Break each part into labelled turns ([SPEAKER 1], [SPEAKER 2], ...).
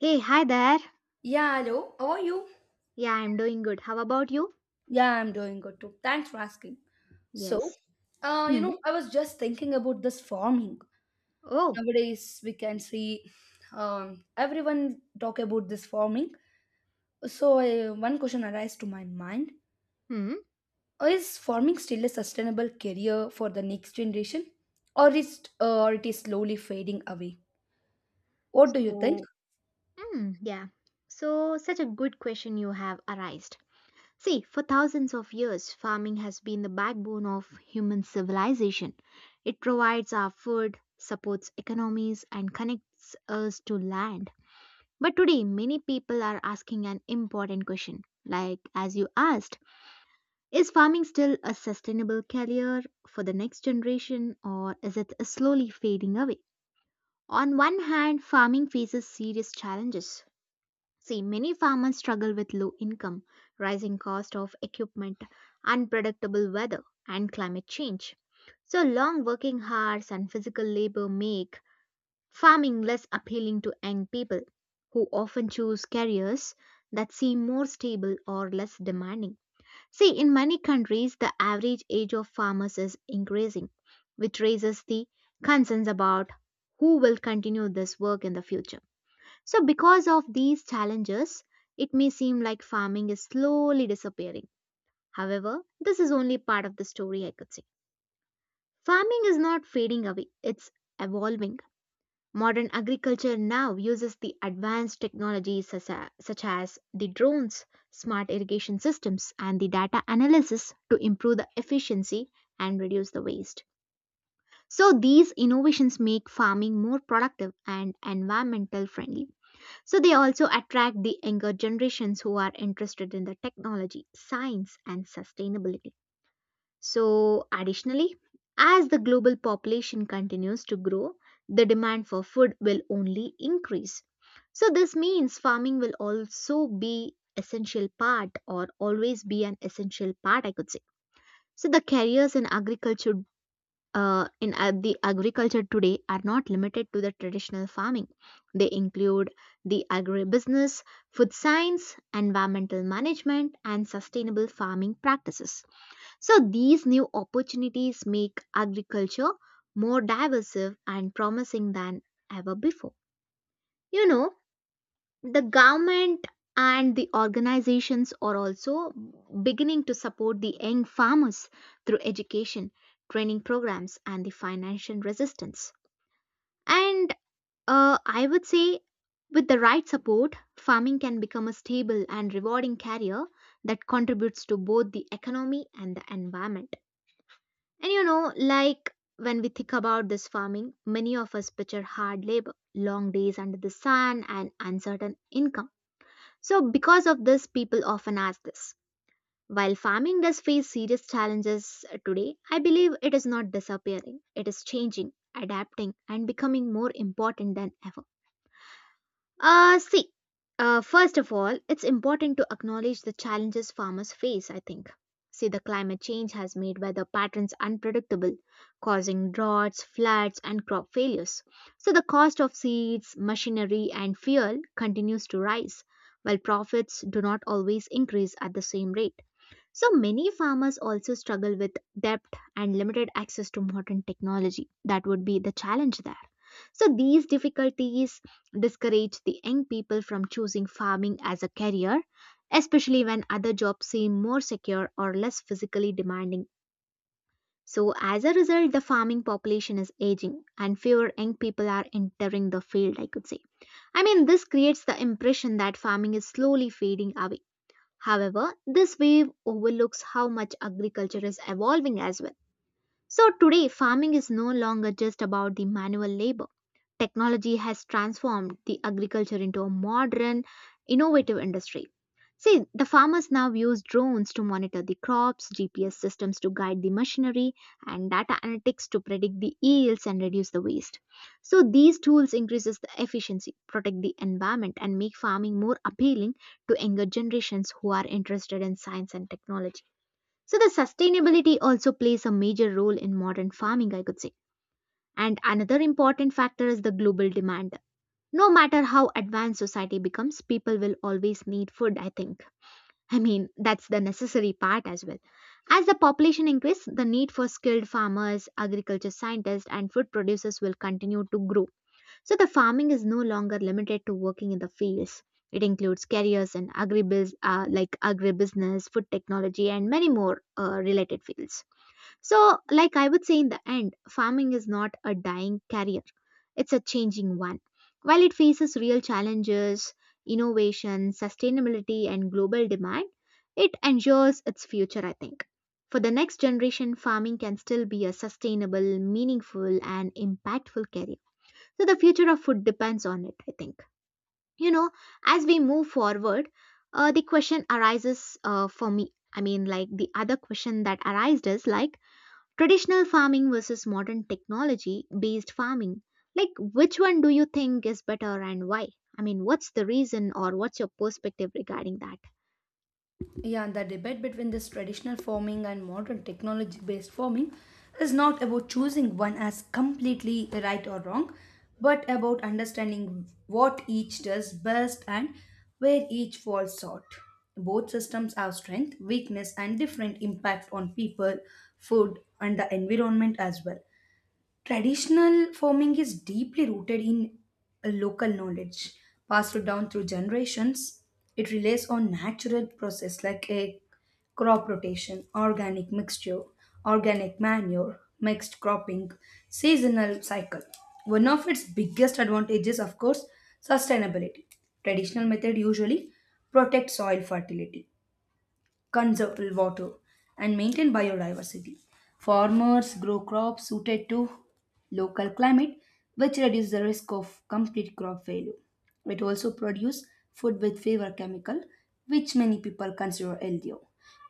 [SPEAKER 1] Hey, hi there.
[SPEAKER 2] Yeah, hello. How are you?
[SPEAKER 1] Yeah, I'm doing good. How about you?
[SPEAKER 2] Yeah, I'm doing good too. Thanks for asking. So,
[SPEAKER 1] Yes.
[SPEAKER 2] uh, you
[SPEAKER 1] Hmm.
[SPEAKER 2] know, I was just thinking about this farming.
[SPEAKER 1] Oh.
[SPEAKER 2] Nowadays, we can see everyone talk about this farming. So, one question arises to my mind:
[SPEAKER 1] Hmm.
[SPEAKER 2] is farming still a sustainable career for the next generation, or is or it is slowly fading away? What do you think?
[SPEAKER 1] So, hmm, yeah. So, such a good question you have arised. See, for thousands of years, farming has been the backbone of human civilization. It provides our food, supports economies, and connects us to land. But today, many people are asking an important question. Like, as you asked, is farming still a sustainable career for the next generation or is it slowly fading away? On one hand, farming faces serious challenges. See, many farmers struggle with low income, rising cost of equipment, unpredictable weather, and climate change. So, long working hours and physical labor make farming less appealing to young people who often choose careers that seem more stable or less demanding. See, in many countries, the average age of farmers is increasing, which raises the concerns about who will continue this work in the future. So, because of these challenges, it may seem like farming is slowly disappearing. However, this is only part of the story, I could say. Farming is not fading away, it's evolving. Modern agriculture now uses the advanced technologies such as the drones, smart irrigation systems, and the data analysis to improve the efficiency and reduce the waste. So, these innovations make farming more productive and environmental friendly. So, they also attract the younger generations who are interested in the technology, science, and sustainability. So, additionally, as the global population continues to grow, the demand for food will only increase. So, this means farming will also be essential part or always be an essential part, I could say. So, the careers in agriculture in the agriculture today are not limited to the traditional farming. They include the agribusiness, food science, environmental management, and sustainable farming practices. So these new opportunities make agriculture more diverse and promising than ever before. You know, the government and the organizations are also beginning to support the young farmers through education, training programs, and the financial resistance. And I would say, with the right support, farming can become a stable and rewarding career that contributes to both the economy and the environment. And you know, like when we think about this farming, many of us picture hard labor, long days under the sun, and uncertain income. So, because of this, people often ask this. While farming does face serious challenges today, I believe it is not disappearing, it is changing, adapting, and becoming more important than ever. See, first of all, it's important to acknowledge the challenges farmers face, I think. See, the climate change has made weather patterns unpredictable, causing droughts, floods, and crop failures. So, the cost of seeds, machinery, and fuel continues to rise, while profits do not always increase at the same rate. So, many farmers also struggle with debt and limited access to modern technology. That would be the challenge there. So these difficulties discourage the young people from choosing farming as a career, especially when other jobs seem more secure or less physically demanding. So as a result, the farming population is aging and fewer young people are entering the field, I could say. I mean, this creates the impression that farming is slowly fading away. However, this wave overlooks how much agriculture is evolving as well. So today, farming is no longer just about the manual labor. Technology has transformed the agriculture into a modern, innovative industry. See, the farmers now use drones to monitor the crops, GPS systems to guide the machinery, and data analytics to predict the yields and reduce the waste. So these tools increases the efficiency, protect the environment, and make farming more appealing to younger generations who are interested in science and technology. So the sustainability also plays a major role in modern farming, I could say. And another important factor is the global demand. No matter how advanced society becomes, people will always need food, I think. I mean, that's the necessary part as well. As the population increases, the need for skilled farmers, agriculture scientists, and food producers will continue to grow. So the farming is no longer limited to working in the fields. It includes careers in agribusiness, food technology, and many more related fields. So, like I would say in the end, farming is not a dying career, it's a changing one. While it faces real challenges, innovation, sustainability, and global demand, it ensures its future, I think. For the next generation, farming can still be a sustainable, meaningful, and impactful career. So, the future of food depends on it, I think. You know, as we move forward, the question arises for me. I mean, like the other question that arises, is like, traditional farming versus modern technology based farming. Like, which one do you think is better and why? I mean, what's the reason or what's your perspective regarding that?
[SPEAKER 2] Yeah, and the debate between this traditional farming and modern technology based farming is not about choosing one as completely right or wrong, but about understanding what each does best and where each falls short. Both systems have strength, weakness, and different impact on people, food, and the environment as well. Traditional farming is deeply rooted in a local knowledge passed down through generations. It relies on natural process like a crop rotation, organic mixture, organic manure, mixed cropping, seasonal cycle. One of its biggest advantages, of course, sustainability. Traditional method usually protect soil fertility, conserve water, and maintain biodiversity. Farmers grow crops suited to local climate, which reduces the risk of complete crop failure. It also produces food with fewer chemical, which many people consider healthier.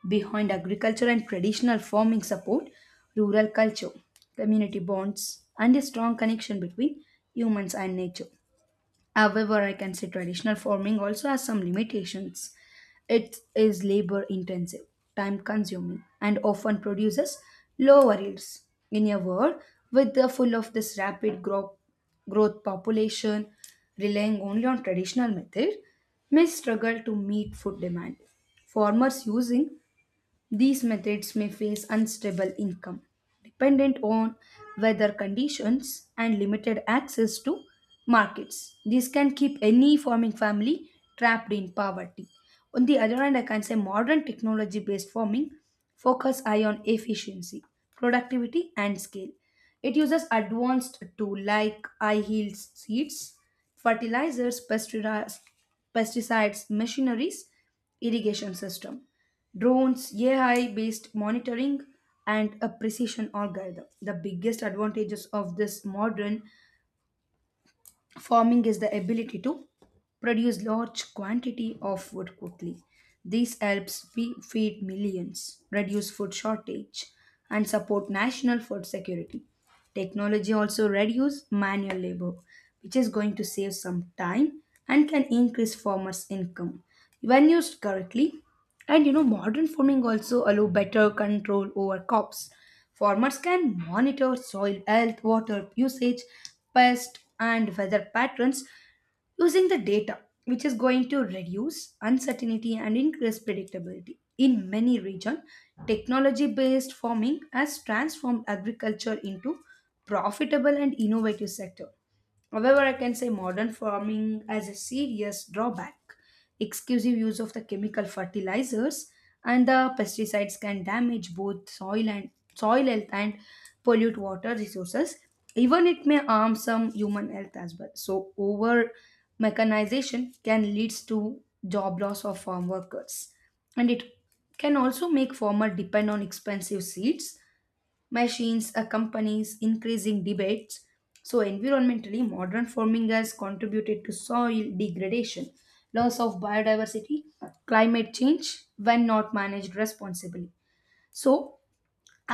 [SPEAKER 2] Behind agriculture and traditional farming support, rural culture, community bonds, and a strong connection between humans and nature. However, I can say traditional farming also has some limitations. It is labor intensive, time consuming, and often produces lower yields. In a world with the full of this growth population, relying only on traditional method may struggle to meet food demand. Farmers using these methods may face unstable income, dependent on weather conditions and limited access to markets. This can keep any farming family trapped in poverty. On the other hand, I can say modern technology based farming focus eye on efficiency, productivity and scale. It uses advanced tools like eye yields seeds, fertilizers, pesticides machineries, irrigation system, drones, AI-based monitoring, and a precision algorithm. The biggest advantages of this modern farming is the ability to produce large quantity of food quickly. This helps feed millions, reduce food shortage, and support national food security. Technology also reduces manual labor, which is going to save some time and can increase farmers' income when used correctly. And you know, modern farming also allow better control over crops. Farmers can monitor soil health, water usage, pest and weather patterns using the data, which is going to reduce uncertainty and increase predictability. In many regions, technology based farming has transformed agriculture into profitable and innovative sector. However, I can say modern farming has a serious drawback. Exclusive use of the chemical fertilizers and the pesticides can damage both soil health and pollute water resources. Even it may harm some human health as well. So over mechanization can leads to job loss of farm workers. And it can also make farmer depend on expensive seeds, machines, accompanies increasing debates. So environmentally modern farming has contributed to soil degradation, loss of biodiversity, climate change when not managed responsibly. So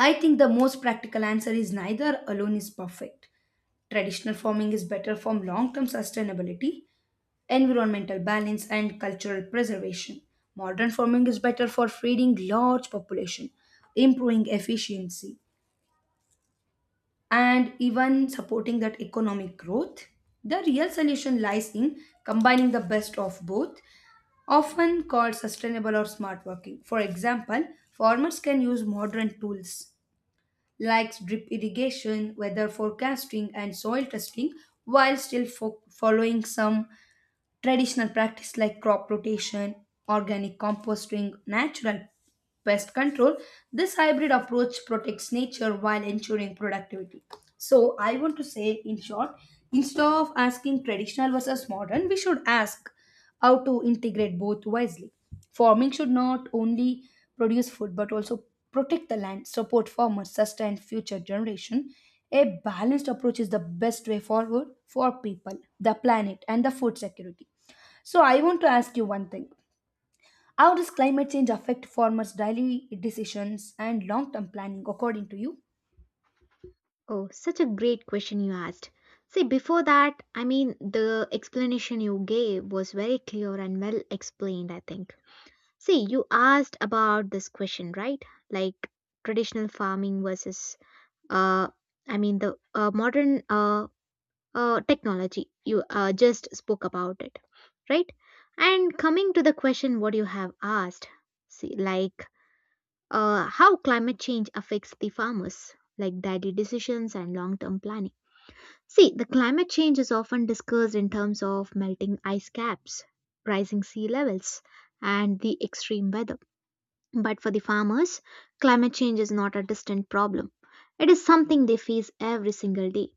[SPEAKER 2] I think the most practical answer is neither alone is perfect. Traditional farming is better for long term sustainability, environmental balance and cultural preservation. Modern farming is better for feeding large population, improving efficiency, and even supporting that economic growth. The real solution lies in combining the best of both, often called sustainable or smart working. For example, farmers can use modern tools like drip irrigation, weather forecasting, and soil testing while still following some traditional practice like crop rotation, organic composting, natural pest control. This hybrid approach protects nature while ensuring productivity. So, I want to say in short, instead of asking traditional versus modern, we should ask how to integrate both wisely. Farming should not only produce food but also protect the land, support farmers, sustain future generation. A balanced approach is the best way forward for people, the planet, and the food security. So I want to ask you one thing. How does climate change affect farmers' daily decisions and long-term planning according to you?
[SPEAKER 1] Oh, such a great question you asked. See, before that, I mean, the explanation you gave was very clear and well explained, I think. See, you asked about this question, right? Like traditional farming versus, uh, I mean, the modern technology you just spoke about it, right? And coming to the question what you have asked, see, like how climate change affects the farmers, like daily decisions and long term planning. See, the climate change is often discussed in terms of melting ice caps, rising sea levels, and the extreme weather, but for the farmers, climate change is not a distant problem, it is something they face every single day.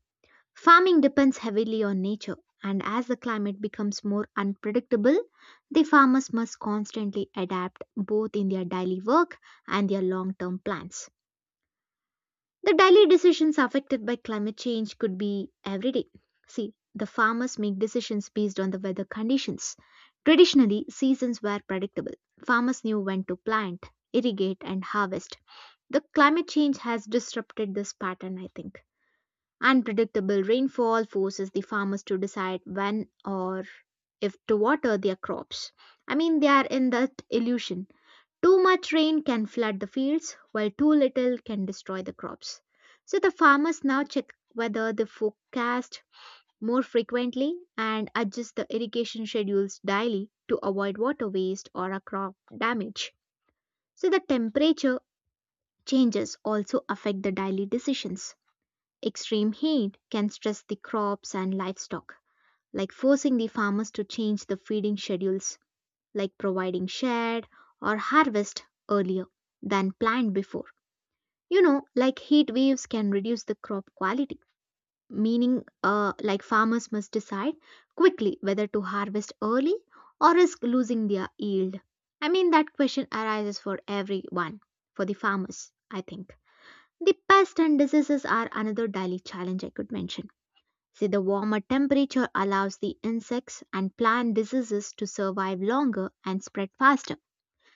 [SPEAKER 1] Farming depends heavily on nature, and as the climate becomes more unpredictable, the farmers must constantly adapt both in their daily work and their long term plans. The daily decisions affected by climate change could be everyday. See, the farmers make decisions based on the weather conditions. Traditionally, seasons were predictable. Farmers knew when to plant, irrigate, and harvest. The climate change has disrupted this pattern, I think. Unpredictable rainfall forces the farmers to decide when or if to water their crops. I mean, they are in that illusion. Too much rain can flood the fields, while too little can destroy the crops. So the farmers now check whether the forecast more frequently and adjust the irrigation schedules daily to avoid water waste or a crop damage. So the temperature changes also affect the daily decisions. Extreme heat can stress the crops and livestock, like forcing the farmers to change the feeding schedules, like providing shade or harvest earlier than planned before. You know, like heat waves can reduce the crop quality, meaning, like farmers must decide quickly whether to harvest early or risk losing their yield. I mean, that question arises for everyone, for the farmers, I think. The pest and diseases are another daily challenge I could mention. See, the warmer temperature allows the insects and plant diseases to survive longer and spread faster.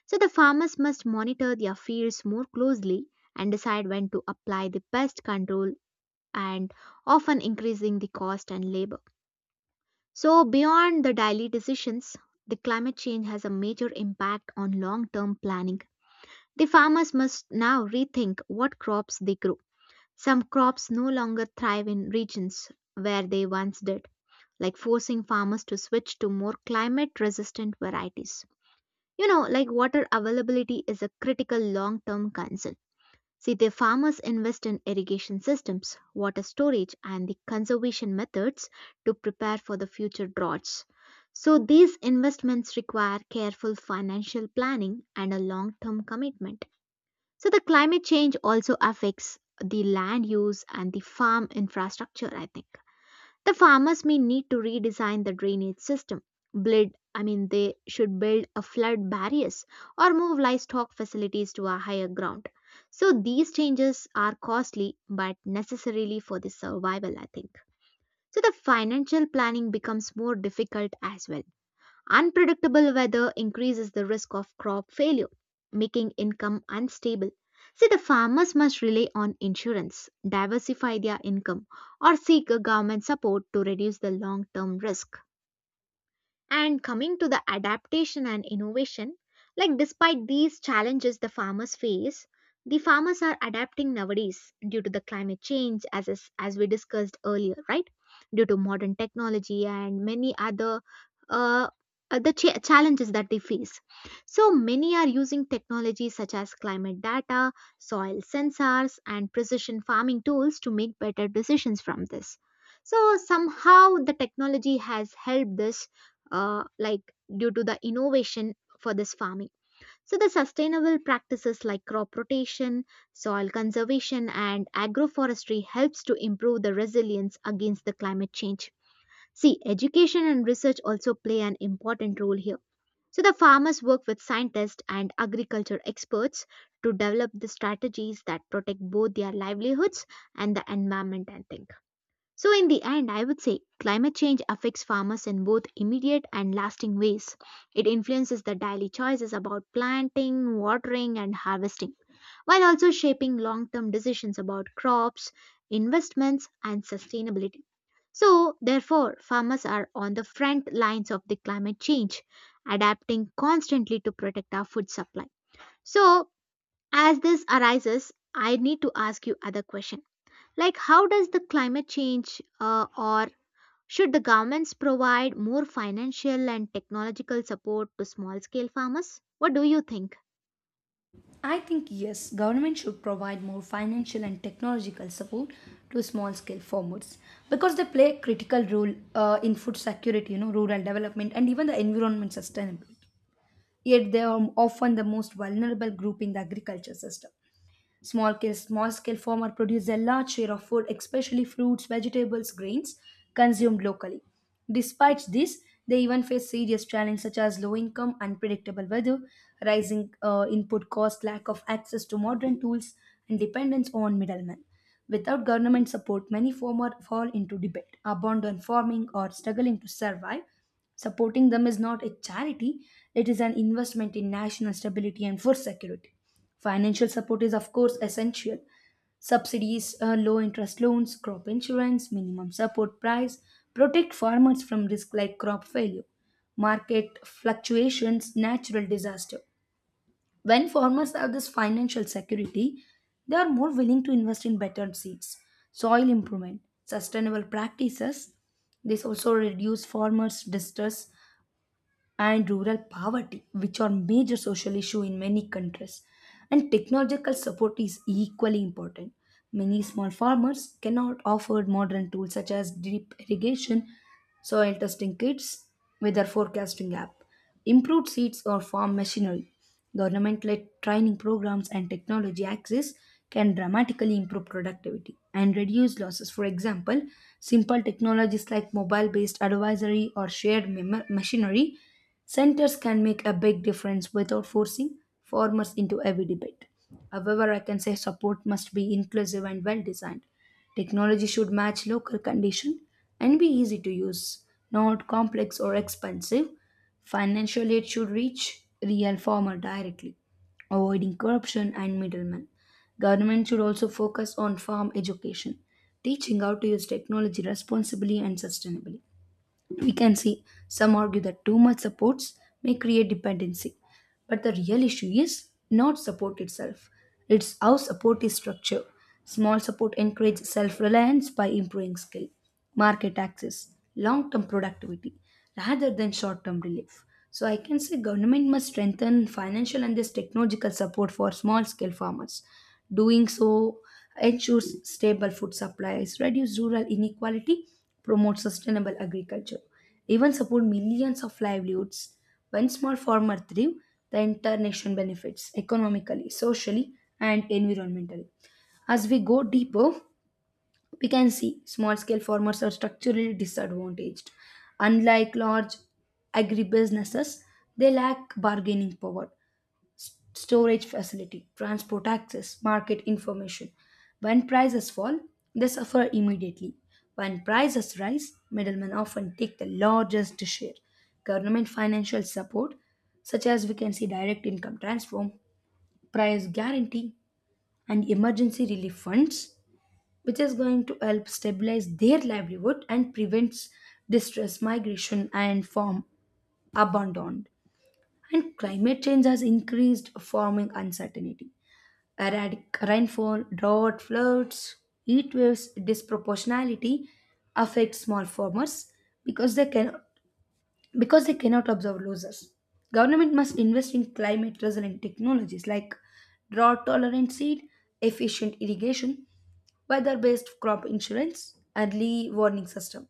[SPEAKER 1] So, the farmers must monitor their fields more closely and decide when to apply the pest control and often increasing the cost and labor. So, beyond the daily decisions, the climate change has a major impact on long term planning. The farmers must now rethink what crops they grow. Some crops no longer thrive in regions where they once did, like forcing farmers to switch to more climate resistant varieties. You know, like water availability is a critical long term concern. See, the farmers invest in irrigation systems, water storage, and the conservation methods to prepare for the future droughts. So, these investments require careful financial planning and a long term commitment. So, the climate change also affects the land use and the farm infrastructure, I think. The farmers may need to redesign the drainage system. I mean, they should build a flood barriers or move livestock facilities to a higher ground. So these changes are costly but necessarily for the survival, I think. So the financial planning becomes more difficult as well. Unpredictable weather increases the risk of crop failure, making income unstable. See, the farmers must rely on insurance, diversify their income, or seek a government support to reduce the long term risk. And coming to the adaptation and innovation, like despite these challenges the farmers face, the farmers are adapting nowadays due to the climate change, as we discussed earlier, right? Due to modern technology and many other uh, challenges that they face. So many are using technologies such as climate data, soil sensors, and precision farming tools to make better decisions from this. So somehow the technology has helped this, uh, like due to the innovation for this farming. So the sustainable practices like crop rotation, soil conservation and agroforestry helps to improve the resilience against the climate change. See, education and research also play an important role here. So the farmers work with scientists and agriculture experts to develop the strategies that protect both their livelihoods and the environment and things. So, in the end, I would say climate change affects farmers in both immediate and lasting ways. It influences their daily choices about planting, watering, and harvesting, while also shaping long term decisions about crops, investments, and sustainability. So, therefore, farmers are on the front lines of the climate change, adapting constantly to protect our food supply. So, as this arises, I need to ask you other question like how does the climate change or should the governments provide more financial and technological support to small scale farmers? What do you think?
[SPEAKER 2] I think yes, government should provide more financial and technological support to small scale farmers because they play a critical role in food security, you know, rural development and even the environment sustainability. Yet they are often the most vulnerable group in the agriculture system. Small scale farmer produces a large share of food, especially fruits, vegetables, grains, consumed locally. Despite this, they even face serious challenges such as low income, unpredictable weather, rising input costs, lack of access to modern tools, and dependence on middlemen. Without government support, many farmers fall into debt, abandon farming, or struggling to survive. Supporting them is not a charity, it is an investment in national stability and food security. Financial support is, of course, essential. Subsidies, low interest loans, crop insurance, minimum support price protect farmers from risk like crop failure, market fluctuations, natural disaster. When farmers have this financial security, they are more willing to invest in better seeds, soil improvement, sustainable practices. This also reduce farmers' distress and rural poverty, which are major social issues in many countries. And technological support is equally important. Many small farmers cannot afford modern tools such as drip irrigation, soil testing kits, weather forecasting app, improved seeds, or farm machinery. Government led training programs and technology access can dramatically improve productivity and reduce losses. For example, simple technologies like mobile based advisory or shared machinery centers can make a big difference without forcing farmers into every debate. However, I can say support must be inclusive and well designed. Technology should match local condition and be easy to use, not complex or expensive. Financial aid should reach real farmer directly, avoiding corruption and middlemen. Government should also focus on farm education, teaching how to use technology responsibly and sustainably. We can see some argue that too much supports may create dependency. But the real issue is not support itself, it's how support is structured. Small support encourages self reliance by improving skill, market access, long term productivity rather than short term relief. So I can say government must strengthen financial and this technological support for small scale farmers. Doing so ensures stable food supplies, reduces rural inequality, promotes sustainable agriculture, even support millions of livelihoods. When small farmer thrive, the entire nation benefits economically, socially, and environmentally. As we go deeper, we can see small scale farmers are structurally disadvantaged. Unlike large agribusinesses, they lack bargaining power, storage facility, transport access, market information. When prices fall, they suffer immediately. When prices rise, middlemen often take the largest share. Government financial support, such as we can see direct income transfer, price guarantee, and emergency relief funds, which is going to help stabilize their livelihood and prevents distress, migration, and farm abandoned. And climate change has increased farming uncertainty, erratic rainfall, drought, floods, heat waves, disproportionality affect small farmers because they can because they cannot absorb losses. Government must invest in climate resilient technologies like drought tolerant seed, efficient irrigation, weather based crop insurance, early warning system.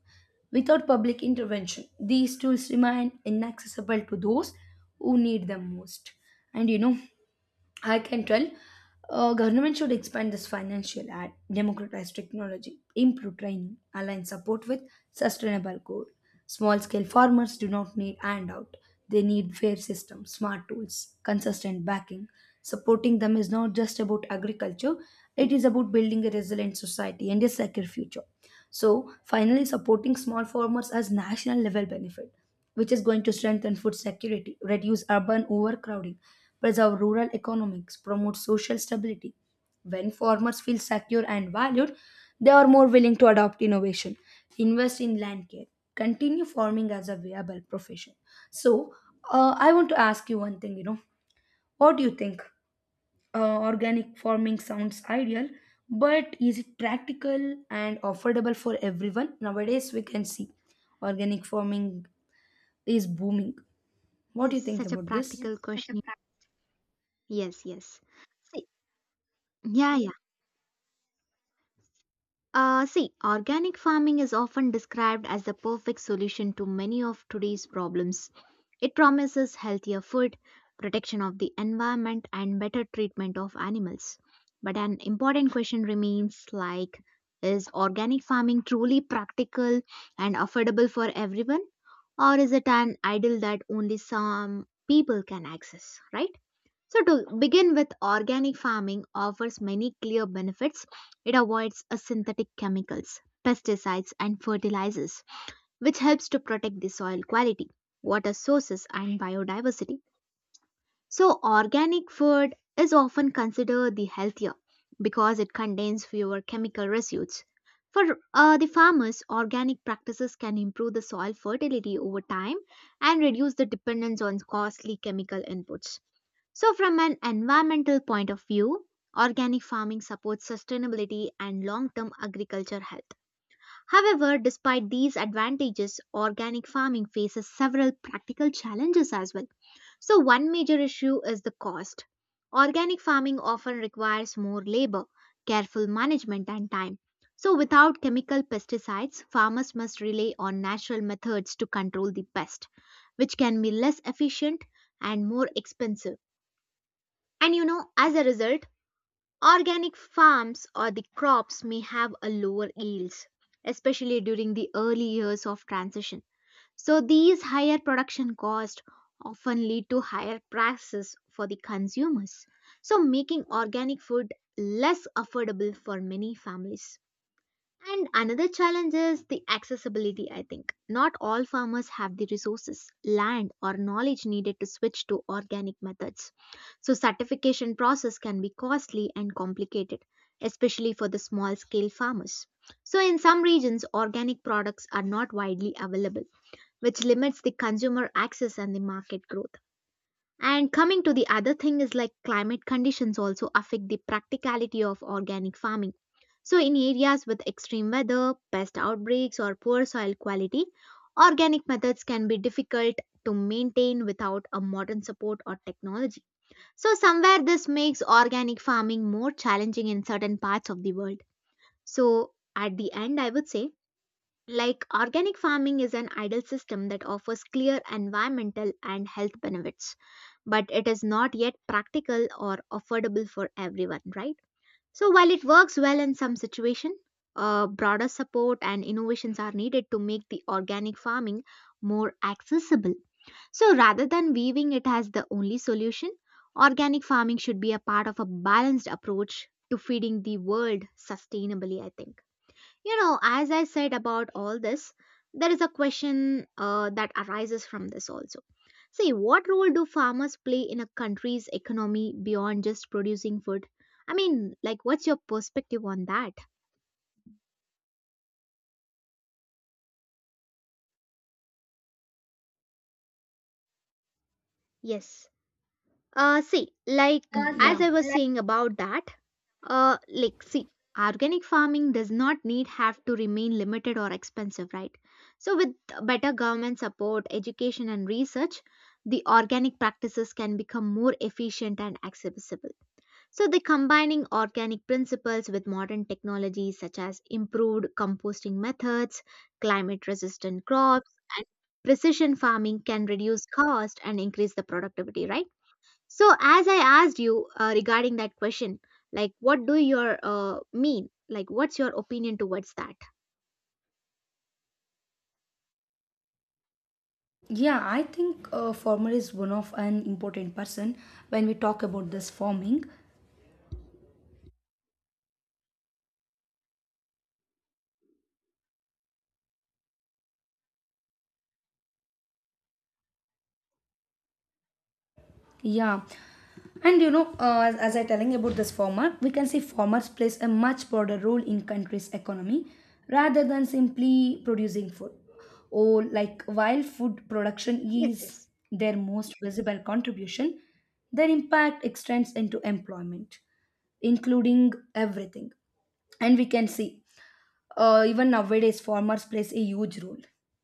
[SPEAKER 2] Without public intervention, these tools remain inaccessible to those who need them most. And you know, I can tell government should expand this financial aid, democratize technology, improve training, align support with sustainable goal. Small scale farmers do not need handout. They need fair systems, smart tools, consistent backing. Supporting them is not just about agriculture, it is about building a resilient society and a secure future. So, finally, supporting small farmers as national level benefit, which is going to strengthen food security, reduce urban overcrowding, preserve rural economics, promote social stability. When farmers feel secure and valued, they are more willing to adopt innovation, invest in land care, continue farming as a viable profession. So, I want to ask you one thing, you know, what do you think? Organic farming sounds ideal, but is it practical and affordable for everyone? Nowadays, we can see organic farming is booming. What do
[SPEAKER 1] Yes,
[SPEAKER 2] you think
[SPEAKER 1] such a
[SPEAKER 2] about this?
[SPEAKER 1] practical
[SPEAKER 2] Yes.
[SPEAKER 1] question. Yes, yes. See, yeah, yeah. See, organic farming is often described as the perfect solution to many of today's problems. It promises healthier food, protection of the environment, and better treatment of animals. But an important question remains like, is organic farming truly practical and affordable for everyone? Or is it an ideal that only some people can access, right? So, to begin with, organic farming offers many clear benefits. It avoids synthetic chemicals, pesticides, and fertilizers, which helps to protect the soil quality, water sources, and biodiversity. So, organic food is often considered the healthier because it contains fewer chemical residues. For the farmers, organic practices can improve the soil fertility over time and reduce the dependence on costly chemical inputs. So, from an environmental point of view, organic farming supports sustainability and long term agriculture health. However, despite these advantages, organic farming faces several practical challenges as well. So, one major issue is the cost. Organic farming often requires more labor, careful management, and time. So, without chemical pesticides, farmers must rely on natural methods to control the pest, which can be less efficient and more expensive. And you know, as a result, organic farms or the crops may have a lower yields, especially during the early years of transition. So these higher production costs often lead to higher prices for the consumers, so making organic food less affordable for many families. And another challenge is the accessibility, I think. Not all farmers have the resources, land, or knowledge needed to switch to organic methods. So certification process can be costly and complicated, especially for the small scale farmers. So in some regions, organic products are not widely available, which limits the consumer access and the market growth. And coming to the other thing is like climate conditions also affect the practicality of organic farming. So, in areas with extreme weather, pest outbreaks, or poor soil quality, organic methods can be difficult to maintain without a modern support or technology. So, somewhere this makes organic farming more challenging in certain parts of the world. So, at the end, I would say like organic farming is an ideal system that offers clear environmental and health benefits, but it is not yet practical or affordable for everyone, right? So while it works well in some situations, broader support and innovations are needed to make the organic farming more accessible. So rather than viewing it as the only solution, organic farming should be a part of a balanced approach to feeding the world sustainably, I think. You know, as I said about all this, there is a question that arises from this also. See, what role do farmers play in a country's economy beyond just producing food? I mean, like, what's your perspective on that? Yes. See, like
[SPEAKER 2] Mm,
[SPEAKER 1] as
[SPEAKER 2] yeah,
[SPEAKER 1] I was saying about that, like see, organic farming does not need have to remain limited or expensive, right? So with better government support, education and research, the organic practices can become more efficient and accessible. So the combining organic principles with modern technologies such as improved composting methods, climate resistant crops and precision farming can reduce cost and increase the productivity, right? So, as I asked you regarding that question, like, what do your mean? Like, what's your opinion towards that?
[SPEAKER 2] yeah, I think a farmer is one of an important person when we talk about this farming. Yeah. And you know, as I telling about this farmer, we can see farmers plays a much broader role in country's economy rather than simply producing food. Or like while food production
[SPEAKER 1] Yes,
[SPEAKER 2] is
[SPEAKER 1] yes,
[SPEAKER 2] their most visible contribution, their impact extends into employment, including everything. And we can see even nowadays, farmers plays a huge role.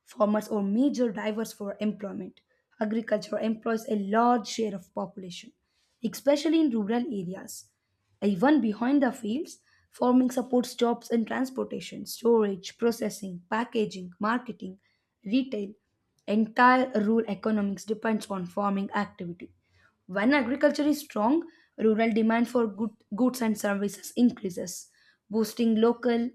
[SPEAKER 2] Farmers are major drivers for employment. Agriculture employs a large share of population, especially in rural areas. Even behind the fields, farming supports jobs in transportation, storage, processing, packaging, marketing, retail. Entire rural economics depends on farming activity. When agriculture is strong, rural demand for good, goods and services increases, boosting local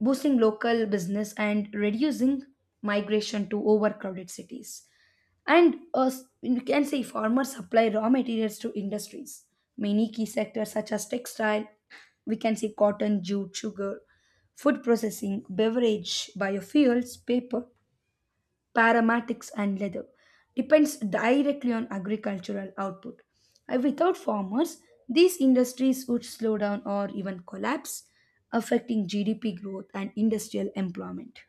[SPEAKER 2] boosting local business and reducing migration to overcrowded cities. And you can say farmers supply raw materials to industries. Many key sectors such as textile, we can say cotton, jute, sugar, food processing, beverage, biofuels, paper, paramatics, and leather, depends directly on agricultural output. And without farmers, these industries would slow down or even collapse, affecting GDP growth and industrial employment.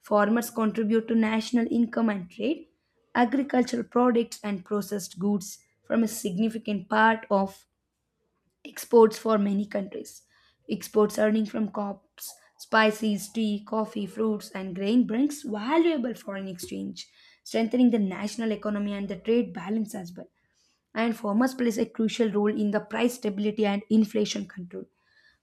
[SPEAKER 2] Farmers contribute to national income and trade. Agricultural products and processed goods form a significant part of exports for many countries. Exports earning from crops, spices, tea, coffee, fruits, and grain brings valuable foreign exchange, strengthening the national economy and the trade balance as well. And farmers plays a crucial role in the price stability and inflation control.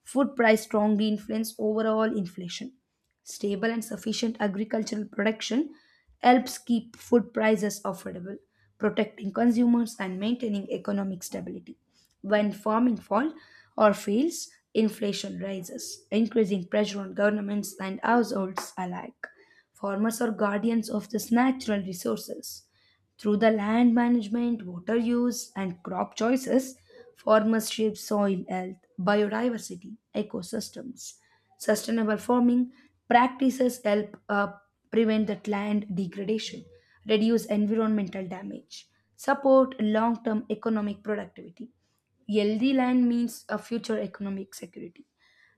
[SPEAKER 2] Food price strongly influence overall inflation. Stable and sufficient agricultural production helps keep food prices affordable, protecting consumers and maintaining economic stability. When farming falls or fails, inflation rises, increasing pressure on governments and households alike. Farmers are guardians of these natural resources. Through the land management, water use, and crop choices, farmers shape soil health, biodiversity, ecosystems. Sustainable farming practices help prevent that land degradation, reduce environmental damage, support long term economic productivity. Healthy land means a future economic security.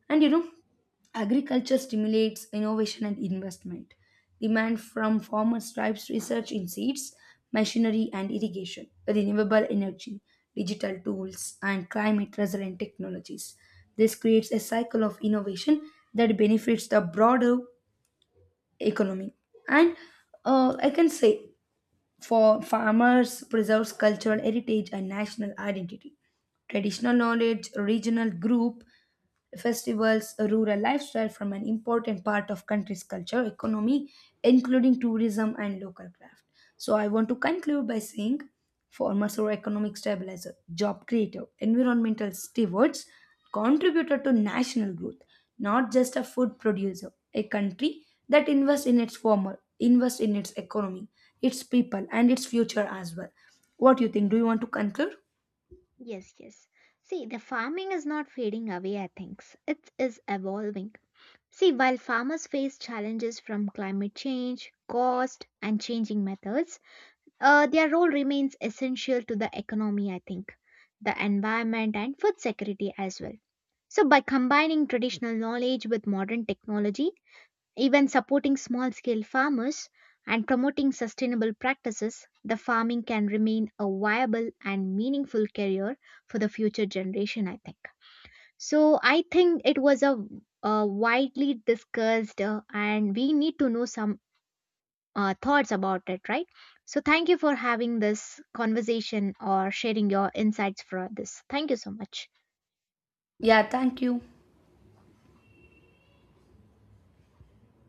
[SPEAKER 2] And you know, agriculture stimulates innovation and investment. Demand from farmers drives research in seeds, machinery and irrigation, renewable energy, digital tools, and climate resilient technologies. This creates a cycle of innovation that benefits the broader economy. And I can say for farmers preserves cultural heritage and national identity, traditional knowledge, regional group, festivals, a rural lifestyle from an important part of country's culture, economy, including tourism and local craft. So I want to conclude by saying farmers are economic stabilizer, job creator, environmental stewards, contributor to national growth, not just a food producer. A country that invests in its farmer, invests in its economy, its people, and its future as well. What do you think? Do you want to conclude?
[SPEAKER 1] yes, yes. See, the farming is not fading away, I think. It is evolving. See, while farmers face challenges from climate change, cost, and changing methods, their role remains essential to the economy, I think, the environment, and food security as well. So, by combining traditional knowledge with modern technology, even supporting small scale farmers and promoting sustainable practices, the farming can remain a viable and meaningful career for the future generation, I think. So, I think it was a, widely discussed, and we need to know some thoughts about it, right? So, thank you for having this conversation or sharing your insights for this. Thank you so much.
[SPEAKER 2] Yeah, thank you.